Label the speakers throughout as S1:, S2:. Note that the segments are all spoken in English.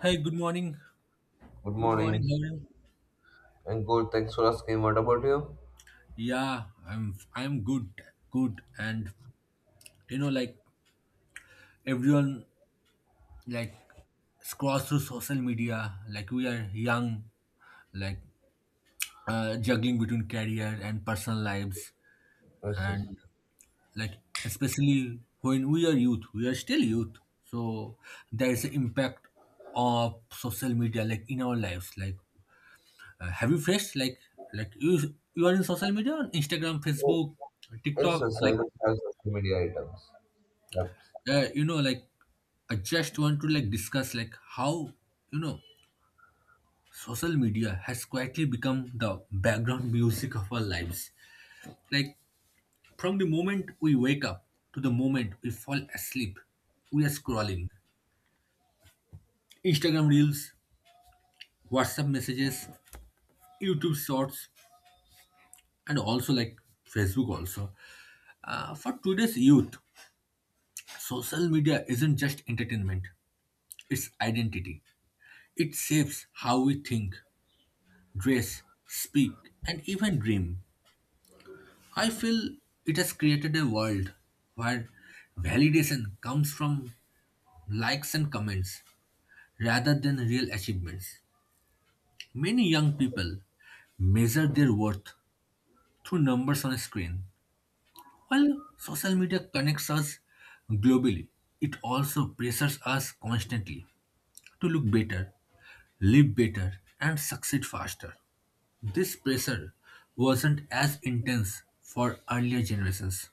S1: Hi. Good morning.
S2: Good
S1: Good
S2: morning.
S1: morning. How are you?
S2: And good. Thanks for asking. What about you?
S1: Yeah, I'm good, good. And you know, like everyone, like scrolls through social media. Like we are young, like juggling between career and personal lives,
S2: Yes, yes.
S1: and like especially when we are youth, we are still youth. So there is an impact of social media, like in our lives, like have you faced like like you are in social media on Instagram,
S2: Oh,
S1: Facebook,
S2: yes,
S1: TikTok?
S2: yes. I
S1: Like
S2: do have social media items. Yep.
S1: you know, like I just want to like discuss like how you know social media has quietly become the background music of our lives. Like from the moment we wake up to the moment we fall asleep, we are scrolling Instagram reels, WhatsApp messages, YouTube shorts, and also like Facebook also. For today's youth social media isn't just entertainment, it's identity. It shapes how we think, dress, speak, and even dream. I feel it has created a world where validation comes from likes and comments rather than real achievements. Many young people measure their worth through numbers on a screen. While social media connects us globally, it also pressures us constantly to look better, live better, and succeed faster. This pressure wasn't as intense for earlier generations.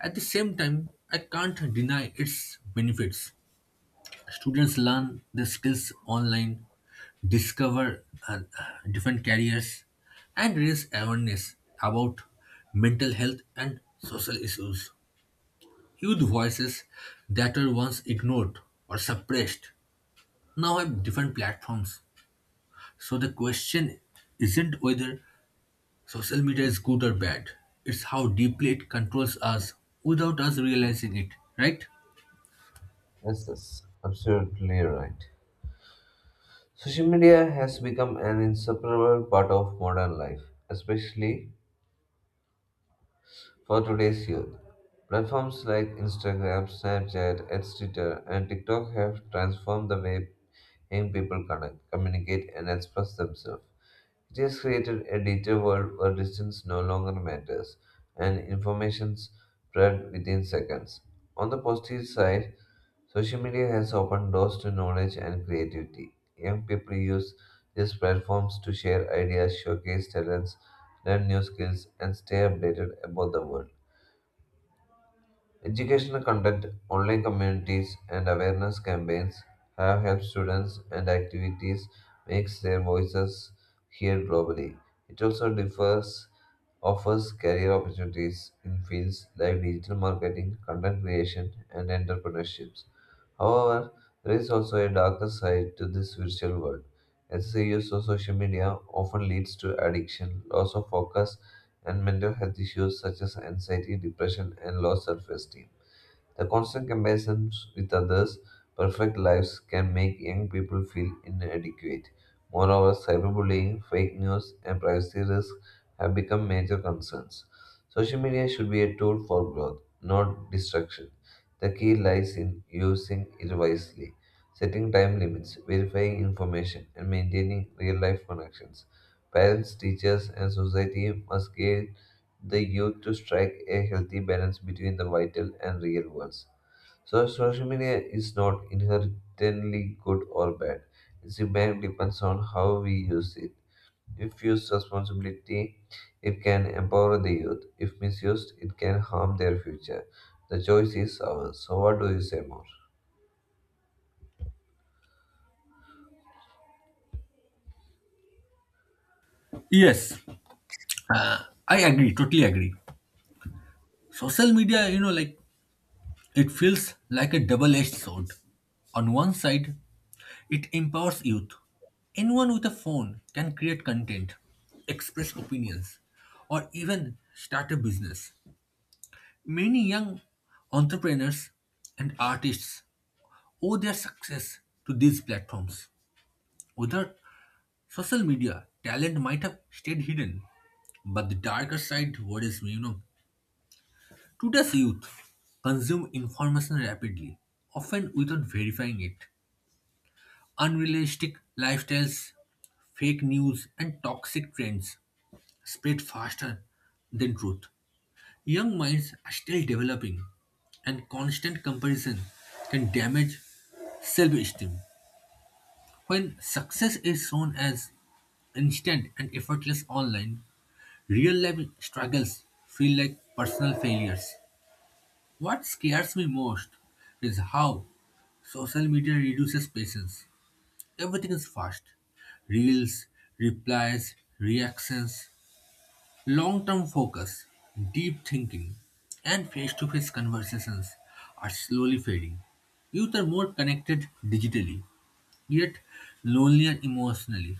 S1: At the same time, I can't deny its benefits. Students learn the skills online, discover different careers, and raise awareness about mental health and social issues. Youth voices that were once ignored or suppressed now have different platforms. So the question isn't whether social media is good or bad, it's how deeply it controls us without us realizing it, right?
S2: Yes, yes. Absolutely right. Social media has become an inseparable part of modern life, especially for today's youth. Platforms like Instagram, Snapchat, and Twitter, and TikTok have transformed the way young people connect, communicate, and express themselves. It has created a digital world where distance no longer matters and information spread within seconds. On the positive side, social media has opened doors to knowledge and creativity. Young people use these platforms to share ideas, showcase talents, learn new skills, and stay updated about the world. Educational content, online communities, and awareness campaigns have helped students and activities make their voices heard globally. It also differs, offers career opportunities in fields like digital marketing, content creation, and entrepreneurships. However, there is also a darker side to this virtual world. Excessive use of social media often leads to addiction, loss of focus, and mental health issues such as anxiety, depression, and low self esteem. The constant comparisons with others' perfect lives can make young people feel inadequate. Moreover, cyberbullying, fake news, and privacy risks have become major concerns. Social media should be a tool for growth, not destruction. The key lies in using it wisely, setting time limits, verifying information, and maintaining real life connections. Parents, teachers, and society must give the youth to strike a healthy balance between the vital and real worlds. So, social media is not inherently good or bad. Its impact depends on how we use it. If used responsibly, it can empower the youth. If misused, it can harm their future. The choice is ours. So, what do you say more?
S1: Yes. I agree, totally agree. Social media, you know, like it feels like a double edged sword. On one side, it empowers youth. Anyone with a phone can create content, express opinions, or even start a business. Many young entrepreneurs and artists owe their success to these platforms. Without social media, talent might have stayed hidden. But the darker side worries me, you know. Today's youth consume information rapidly, often without verifying it. Unrealistic lifestyles, fake news, and toxic trends spread faster than truth. Young minds are still developing, and constant comparison can damage self esteem. When success is shown as instant and effortless online, real life struggles feel like personal failures. What scares me most is how social media reduces patience. Everything is fast. Reels, replies, reactions, long term focus, deep thinking, and face to face conversations are slowly fading. Youth are more connected digitally, yet lonelier emotionally.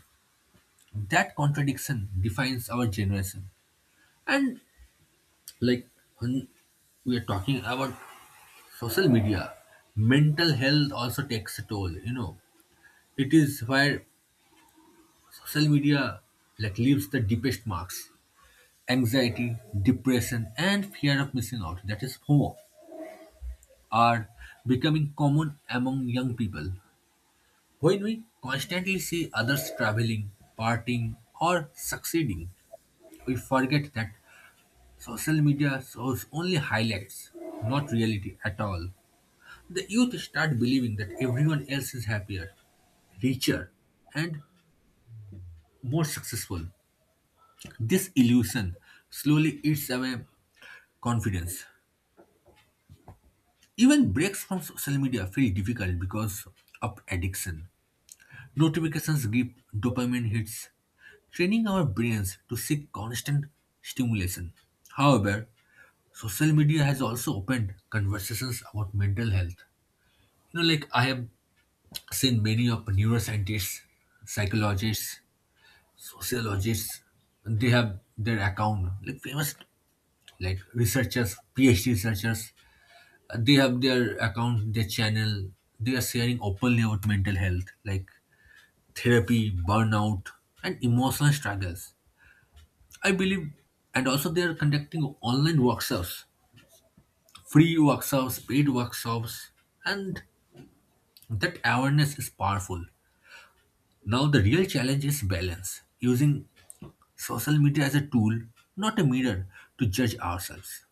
S1: That contradiction defines our generation. And like when we are talking about social media, mental health also takes a toll. You know, it is where social media like leaves the deepest marks. Anxiety, depression, and fear of missing out, that is FOMO, are becoming common among young people. When we constantly see others traveling, partying, or succeeding, we forget that social media shows only highlights, not reality at all. The youth start believing that everyone else is happier, richer, and more successful. This illusion slowly eats away confidence. Even breaks from social media feel difficult because of addiction. Notifications give dopamine hits, training our brains to seek constant stimulation. However, social media has also opened conversations about mental health. You know, like I have seen many of neuroscientists, psychologists, sociologists, they have their account, like famous like researchers, PhD researchers, they have their account, their channel, they are sharing openly about mental health, like therapy, burnout, and emotional struggles, I believe. And also they are conducting online workshops, free workshops, paid workshops. And that awareness is powerful. Now the real challenge is balance, using social media as a tool, not a mirror to judge ourselves.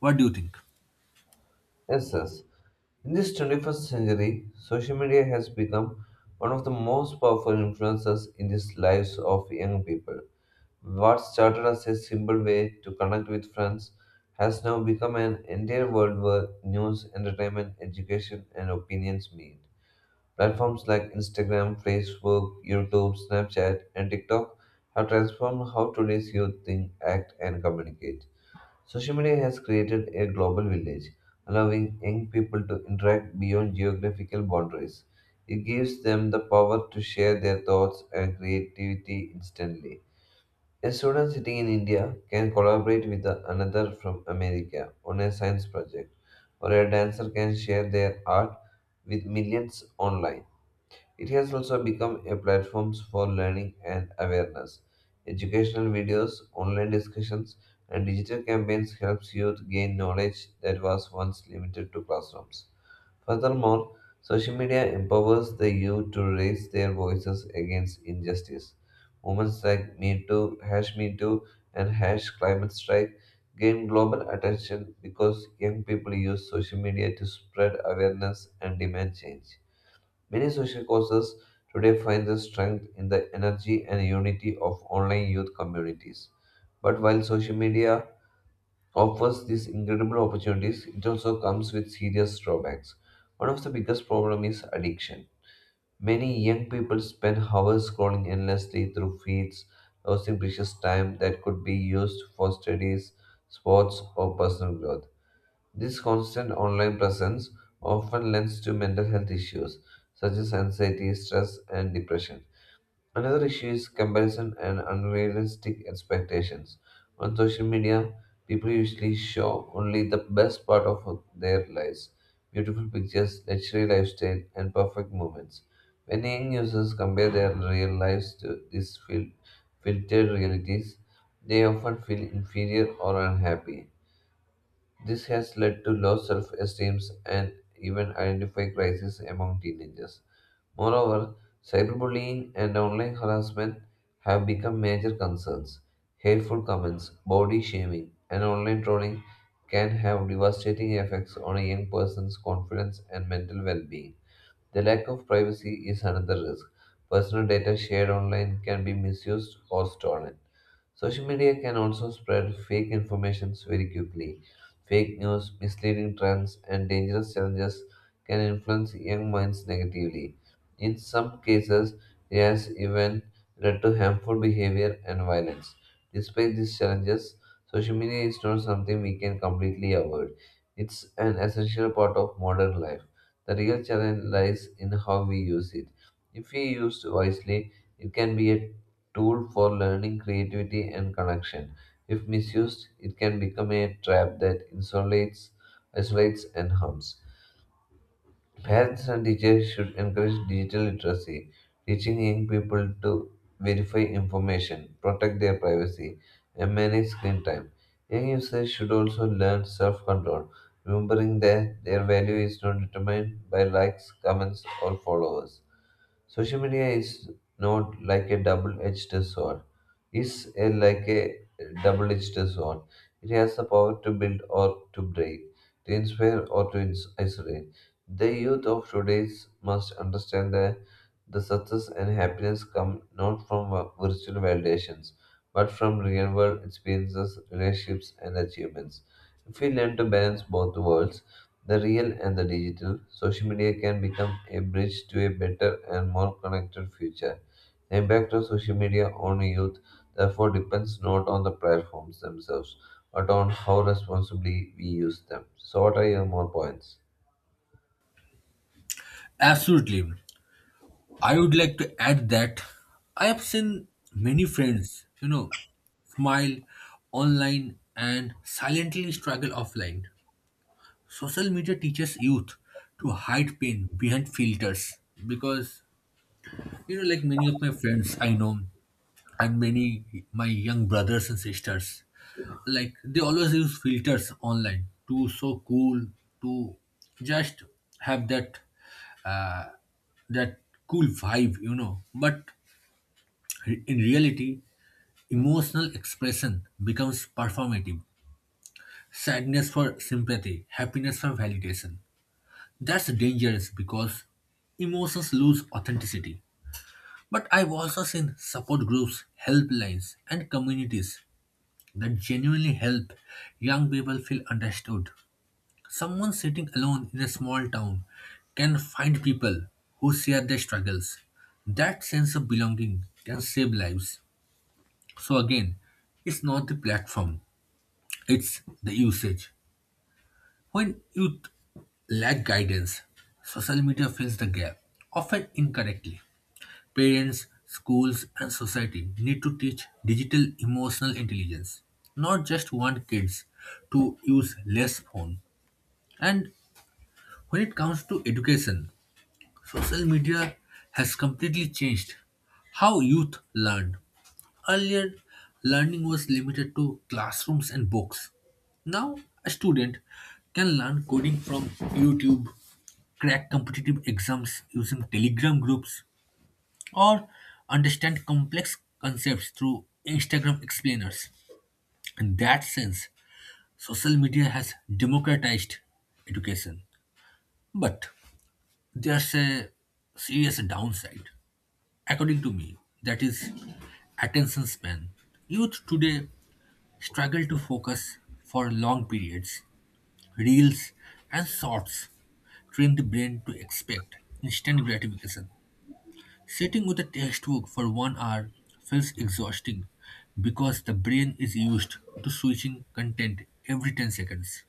S1: What do you think?
S2: Yes, yes. In this 21st century, social media has become one of the most powerful influences in the lives of young people. What started as a simple way to connect with friends has now become an entire world where news, entertainment, education, and opinions meet. Platforms like Instagram, Facebook, YouTube, Snapchat, and TikTok have transformed how today's youth think, act, and communicate. Social media has created a global village, allowing young people to interact beyond geographical boundaries. It gives them the power to share their thoughts and creativity instantly. A student sitting in India can collaborate with another from America on a science project, or a dancer can share their art with millions online. It has also become a platform for learning and awareness. Educational videos, online discussions, and digital campaigns helps youth gain knowledge that was once limited to classrooms. Furthermore, social media empowers the youth to raise their voices against injustice. Movements like Me Too, Hash Me Too, and Hash Climate Strike gain global attention because young people use social media to spread awareness and demand change. Many social causes today find their strength in the energy and unity of online youth communities. But while social media offers these incredible opportunities, it also comes with serious drawbacks. One of the biggest problems is addiction. Many young people spend hours scrolling endlessly through feeds, losing precious time that could be used for studies, sports, or personal growth. This constant online presence often lends to mental health issues such as anxiety, stress, and depression. Another issue is comparison and unrealistic expectations. On social media, people usually show only the best part of their lives beautiful pictures, luxury lifestyle, and perfect moments. When young users compare their real lives to these filtered realities, they often feel inferior or unhappy. This has led to low self esteem and even identity crisis among teenagers. Moreover, cyberbullying and online harassment have become major concerns. Hateful comments, body shaming, and online trolling can have devastating effects on a young person's confidence and mental well being. The lack of privacy is another risk. Personal data shared online can be misused or stolen. Social media can also spread fake information very quickly. Fake news, misleading trends, and dangerous challenges can influence young minds negatively. In some cases, it has even led to harmful behavior and violence. Despite these challenges, social media is not something we can completely avoid. It's an essential part of modern life. The real challenge lies in how we use it. If we used wisely, it can be a tool for learning, creativity, and connection. If misused, it can become a trap that isolates and harms. Parents and teachers should encourage digital literacy, teaching young people to verify information, protect their privacy, and manage screen time. Young users should also learn self control, remembering that their value is not determined by likes, comments, or followers. Social media is not like a double-edged sword. It's like a double-edged sword. It has the power to build or to break, to inspire or to isolate. The youth of today must understand that the success and happiness come not from virtual validations, but from real world experiences, relationships, and achievements. If we learn to balance both worlds, the real and the digital, social media can become a bridge to a better and more connected future. The impact of social media on youth therefore depends not on the platforms themselves, but on how responsibly we use them. So, what are your more points?
S1: Absolutely. I would like to add that I have seen many friends, you know, smile online and silently struggle offline. Social media teaches youth to hide pain behind filters because, you know, like many of my friends I know and many my young brothers and sisters, like they always use filters online to so cool, to just have that uh, that cool vibe, you know. But in reality, emotional expression becomes performative. Sadness for sympathy, happiness for validation. That's dangerous because emotions lose authenticity. But I've also seen support groups, helplines, and communities that genuinely help young people feel understood. Someone sitting alone in a small town can find people who share their struggles. That sense of belonging can save lives. So, again, it's not the platform, it's the usage. When you lack guidance, social media fills the gap, often incorrectly. Parents, schools, and society need to teach digital emotional intelligence, not just want kids to use less phone. And when it comes to education, social media has completely changed how youth learn. Earlier, learning was limited to classrooms and books. Now, a student can learn coding from YouTube, crack competitive exams using Telegram groups, or understand complex concepts through Instagram explainers. In that sense, social media has democratized education. But there's a serious downside. According to me, that is attention span. Youth today struggle to focus for long periods. Reels and shorts train the brain to expect instant gratification. Sitting with a textbook for 1 hour feels exhausting because the brain is used to switching content every 10 seconds.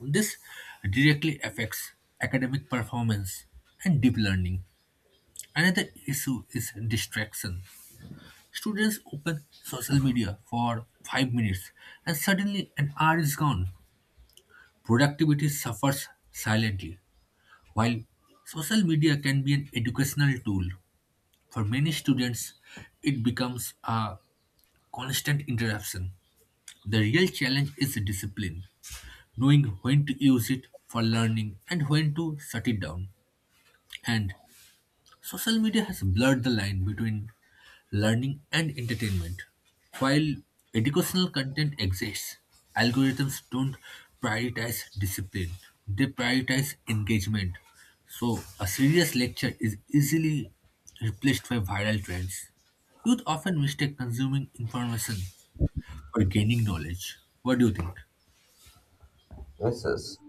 S1: This directly affects academic performance and deep learning. Another issue is distraction. Students open social media for 5 minutes and suddenly an hour is gone. Productivity suffers silently. While social media can be an educational tool, for many students it becomes a constant interruption. The real challenge is discipline, knowing when to use it for learning and when to shut it down. And social media has blurred the line between learning and entertainment. While educational content exists, algorithms don't prioritize discipline, they prioritize engagement. So, a serious lecture is easily replaced by viral trends. Youth often mistake consuming information for gaining knowledge. What do you think?
S2: Misses.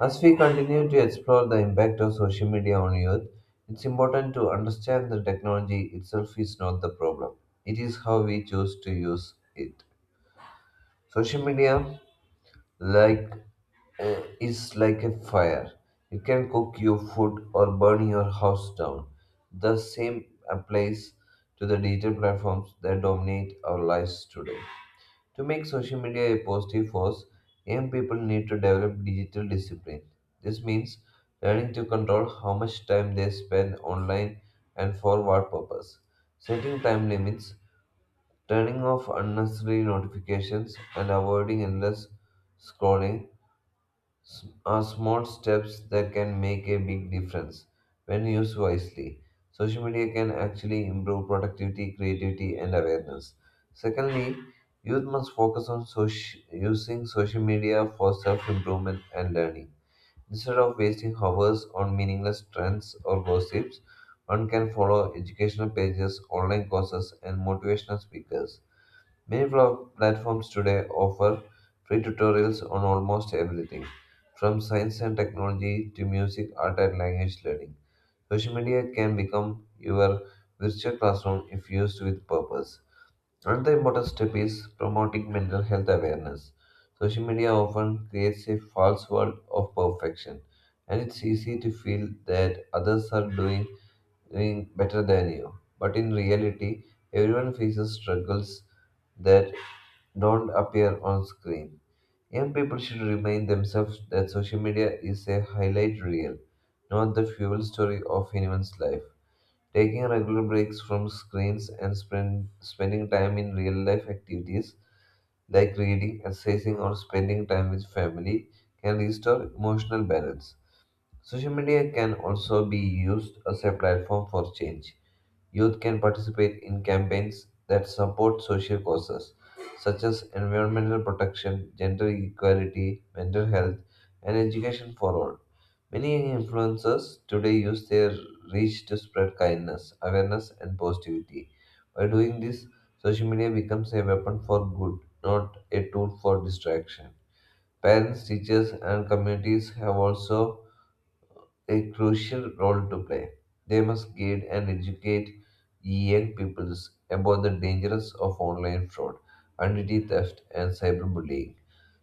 S2: As we continue to explore the impact of social media on youth, it's important to understand that technology itself is not the problem. It is how we choose to use it. Social media, like is like a fire. It can cook your food or burn your house down. The same applies to the digital platforms that dominate our lives today. To make social media a positive force, young people need to develop digital discipline. This means learning to control how much time they spend online and for what purpose, setting time limits, turning off unnecessary notifications, and avoiding endless scrolling s- are small steps that can make a big difference when used wisely. Social media can actually improve productivity, creativity, and awareness. Secondly, youth must focus on using social media for self improvement and learning. Instead of wasting hours on meaningless trends or gossips, one can follow educational pages, online courses, and motivational speakers. Many platforms today offer free tutorials on almost everything, from science and technology to music, art, and language learning. Social media can become your virtual classroom if used with purpose. Another important step is promoting mental health awareness. Social media often creates a false world of perfection, and it's easy to feel that others are doing better than you. But in reality, everyone faces struggles that don't appear on screen. Young people should remind themselves that social media is a highlight reel, not the fuel story of anyone's life. Taking regular breaks from screens and spending time in real life activities like reading, exercising, or spending time with family can restore emotional balance. Social media can also be used as a platform for change. Youth can participate in campaigns that support social causes, such as environmental protection, gender equality, mental health, and education for all. Many influencers today use their reach to spread kindness, awareness, and positivity. By doing this, social media becomes a weapon for good, not a tool for distraction. Parents, teachers, and communities have also a crucial role to play. They must guide and educate young peoples about the dangers of online fraud, identity theft, and cyberbullying.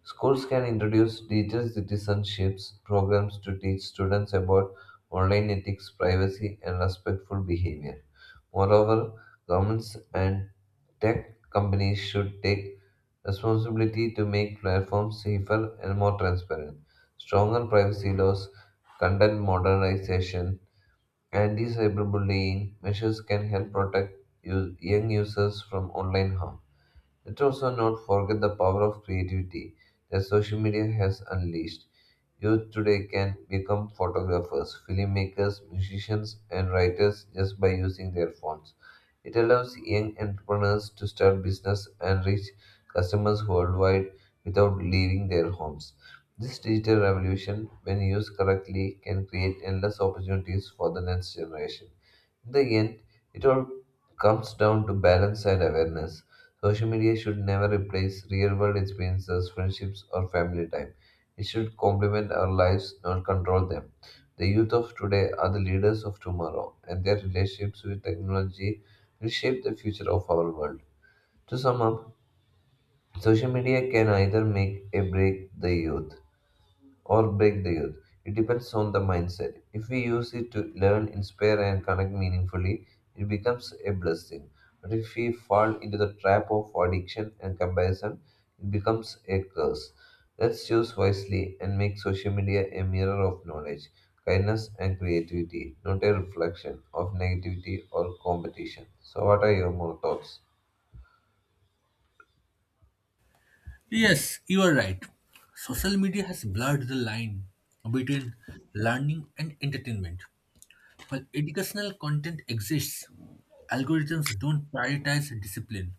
S2: Schools can introduce digital citizenships programs to teach students about online ethics, privacy, and respectful behavior. Moreover, governments and Tech companies should take responsibility to make platforms safer and more transparent. Stronger privacy laws, content modernization, anti cyberbullying measures can help protect young users from online harm. Let's also not forget the power of creativity that social media has unleashed. Youth today can become photographers, filmmakers, musicians, and writers just by using their phones. It allows young entrepreneurs to start business and reach customers worldwide without leaving their homes. This digital revolution, when used correctly, can create endless opportunities for the next generation. In the end, it all comes down to balance and awareness. Social media should never replace real world experiences, friendships, or family time. It should complement our lives, not control them. The youth of today are the leaders of tomorrow, and their relationships with technology will shape the future of our world. To sum up, social media can either make or break the youth. It depends on the mindset. If we use it to learn, inspire, and connect meaningfully, it becomes a blessing. But if we fall into the trap of addiction and comparison, it becomes a curse. Let's choose wisely and make social media a mirror of knowledge, kindness, and creativity, not a reflection of negativity or competition. So, what are your more thoughts?
S1: Yes, you are right. Social media has blurred the line between learning and entertainment. While educational content exists, algorithms don't prioritize discipline,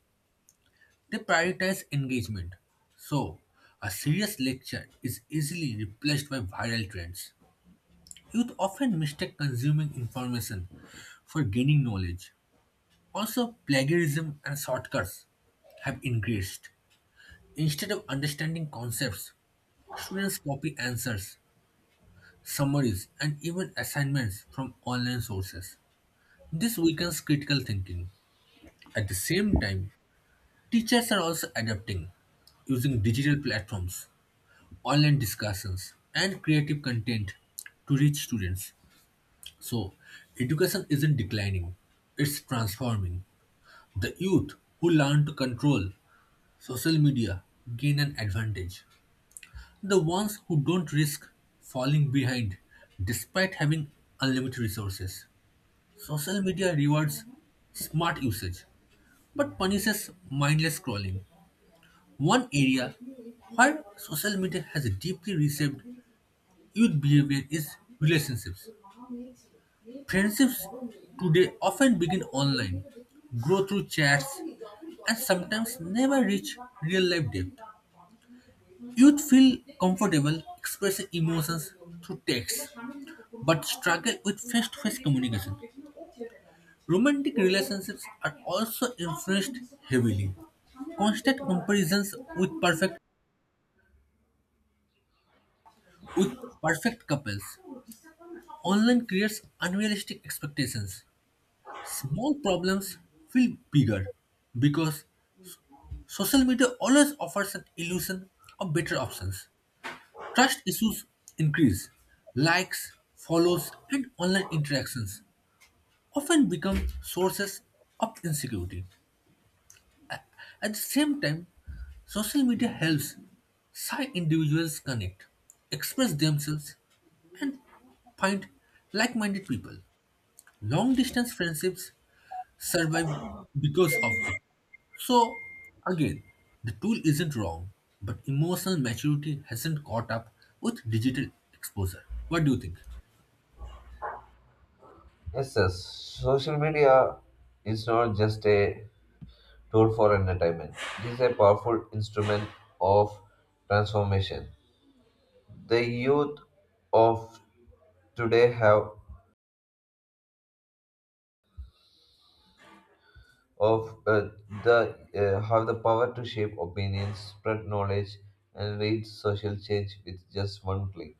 S1: they prioritize engagement. So, a serious lecture is easily replaced by viral trends. Youth often mistake consuming information for gaining knowledge. Also, plagiarism and shortcuts have increased. Instead of understanding concepts, students copy answers, summaries, and even assignments from online sources. This weakens critical thinking. At the same time, teachers are also adapting, using digital platforms, online discussions, and creative content to reach students. So, education isn't declining, it's transforming. The youth who learn to control social media gain an advantage. The ones who don't risk falling behind despite having unlimited resources. Social media rewards smart usage but punishes mindless scrolling. One area where social media has deeply reshaped youth behavior is relationships. Friendships today often begin online, grow through chats, and sometimes never reach real life depth. Youth feel comfortable expressing emotions through text, but struggle with face to face communication. Romantic relationships are also influenced heavily. Constant comparisons with perfect couples online creates unrealistic expectations. Small problems feel bigger because social media always offers an illusion of better options. Trust issues increase. Likes, follows, and online interactions often become sources of insecurity. At the same time, social media helps shy individuals connect, express themselves, and find like minded people. Long distance friendships survive because of it. So, again, the tool isn't wrong, but emotional maturity hasn't caught up with digital exposure. What do you think?
S2: Yes, sir. Social media is not just a tool for entertainment. It is a powerful instrument of transformation. The youth of today have of the have the power to shape opinions, spread knowledge, and lead social change with just one click.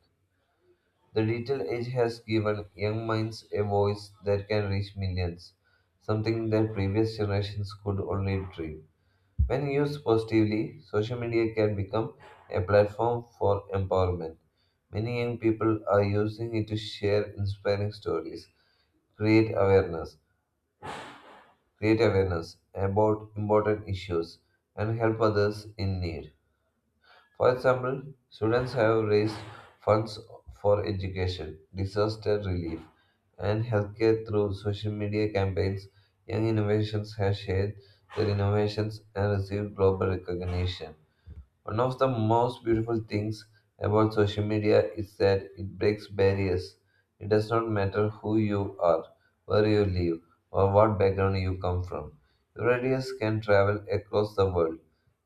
S2: The digital age has given young minds a voice that can reach millions, something that previous generations could only dream. When used positively, social media can become a platform for empowerment. Many young people are using it to share inspiring stories, create awareness, create awareness about important issues, and help others in need. For example, students have raised funds for education, disaster relief, and healthcare through social media campaigns. Young innovations have shared their innovations and received global recognition. One of the most beautiful things about social media is that it breaks barriers. It does not matter who you are, where you live, or what background you come from. Your ideas can travel across the world.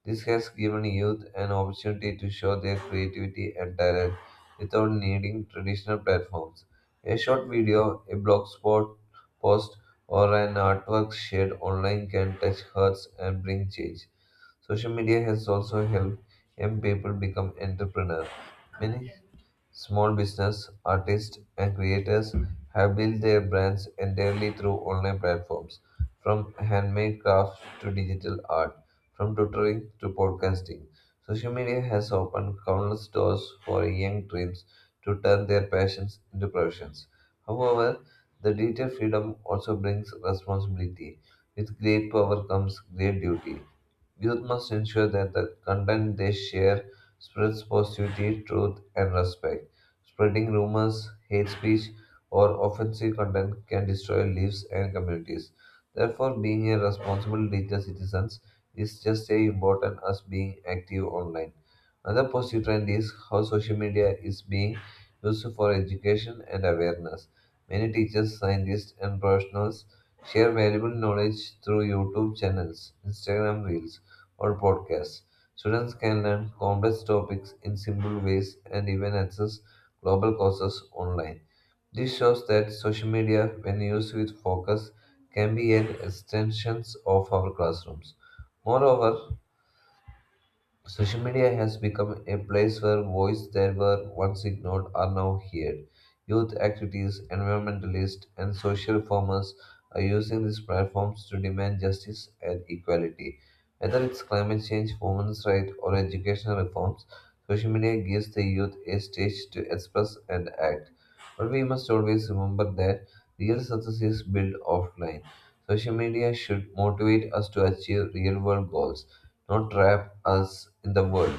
S2: This has given youth an opportunity to show their creativity and talent without needing traditional platforms. A short video, a blog spot post, or an artwork shared online can touch hearts and bring change. Social media has also helped young people become entrepreneurs. Many small business artists and creators have built their brands entirely through online platforms, from handmade crafts to digital art, from tutoring to podcasting. Social media has opened countless doors for young dreams to turn their passions into professions. However, the digital freedom also brings responsibility. With great power comes great duty. Youth must ensure that the content they share spreads positivity, truth, and respect. Spreading rumors, hate speech, or offensive content can destroy lives and communities. Therefore, being a responsible digital citizen is just as important as being active online. Another positive trend is how social media is being used for education and awareness. Many teachers, scientists, and professionals share valuable knowledge through YouTube channels, Instagram Reels, or podcasts. Students can learn complex topics in simple ways and even access global courses online. This shows that social media, when used with focus, can be an extension of our classrooms. Moreover, social media has become a place where voices that were once ignored are now heard. Youth activities, environmentalists, and social reformers are using these platforms to demand justice and equality. Whether it's climate change, women's rights, or educational reforms, social media gives the youth a stage to express and act. But we must always remember that real success is built offline. Social media should motivate us to achieve real world goals, not trap us in the world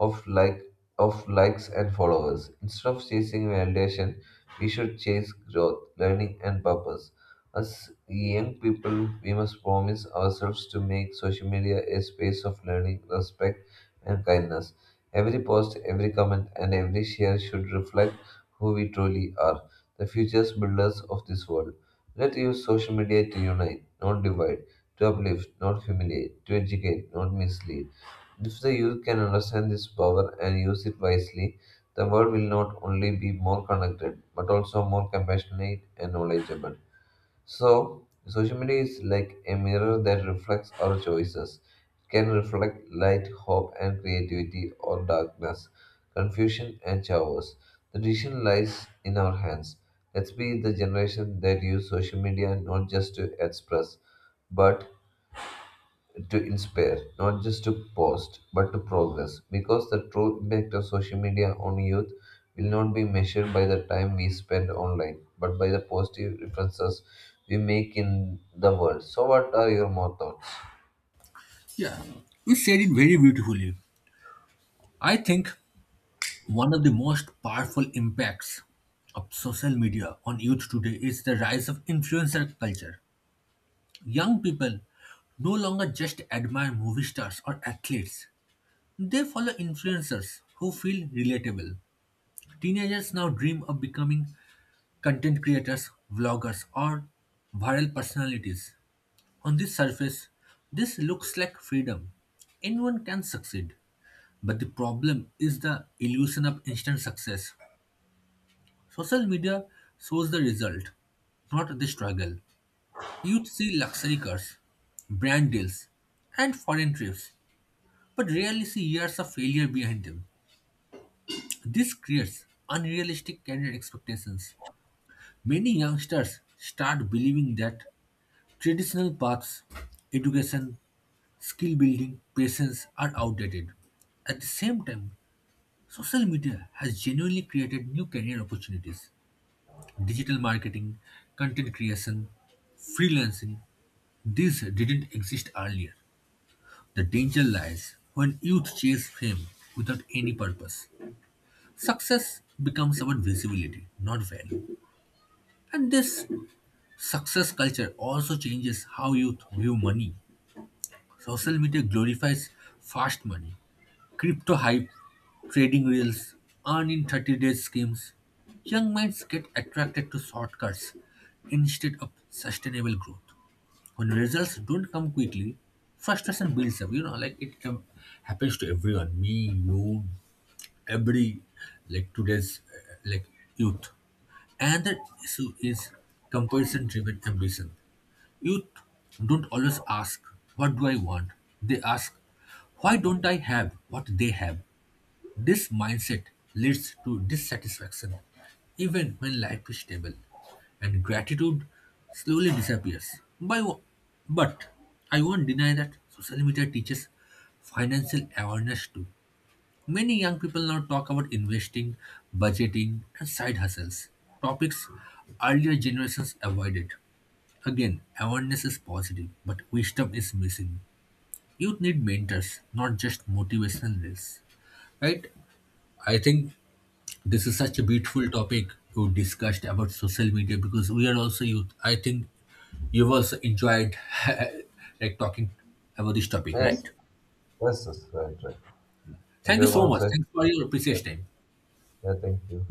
S2: of like of likes and followers. Instead of chasing validation, we should chase growth, learning and purpose. As young people, we must promise ourselves to make social media a space of learning, respect and kindness. Every post, every comment and every share should reflect who we truly are, the future builders of this world. Let's use social media to unite, not divide, to uplift, not humiliate, to educate, not mislead. If the youth can understand this power and use it wisely, the world will not only be more connected, but also more compassionate and knowledgeable. So, social media is like a mirror that reflects our choices. It can reflect light, hope, and creativity, or darkness, confusion, and chaos. The decision lies in our hands. Let's be the generation that use social media not just to express, but to inspire, not just to post, but to progress. Because the true impact of social media on youth will not be measured by the time we spend online, but by the positive differences we make in the world. So, what are your more thoughts?
S1: Yeah, you said it very beautifully. I think one of the most powerful impacts of social media on youth today is the rise of influencer culture. Young people no longer just admire movie stars or athletes, they follow influencers who feel relatable. Teenagers now dream of becoming content creators, vloggers, or viral personalities. On the surface, this looks like freedom. Anyone can succeed, but the problem is the illusion of instant success. Social media shows the result, not the struggle. Youth see luxury cars, brand deals, and foreign trips, but rarely see years of failure behind them. This creates unrealistic career expectations. Many youngsters start believing that traditional paths, education, skill building, patience, are outdated. At the same time, social media has genuinely created new career opportunities. Digital marketing, content creation, freelancing, these didn't exist earlier. The danger lies when youth chase fame without any purpose. Success becomes about visibility, not value. And this success culture also changes how youth view money. Social media glorifies fast money, crypto hype, trading reels, earn in 30 days schemes. Young minds get attracted to shortcuts instead of sustainable growth. When results don't come quickly, frustration builds up. You know, like it happens to everyone, me, you, every, like today's, like youth. And the issue is comparison driven ambition. Youth don't always ask, "What do I want?" They ask, "Why don't I have what they have?" This mindset leads to dissatisfaction, even when life is stable, and gratitude slowly disappears. But I won't deny that social media teaches financial awareness too. Many young people now talk about investing, budgeting, and side hustles, topics earlier generations avoided. Again, awareness is positive, but wisdom is missing. Youth need mentors, not just motivationals. Right? I think this is such a beautiful topic you discussed about social media because we are also youth. I think you've also enjoyed like talking about this topic, right?
S2: Yes, yes, yes, right, right. What
S1: Thank you
S2: your
S1: so much.
S2: concept?
S1: Thanks for your precious time.
S2: Yeah, thank you.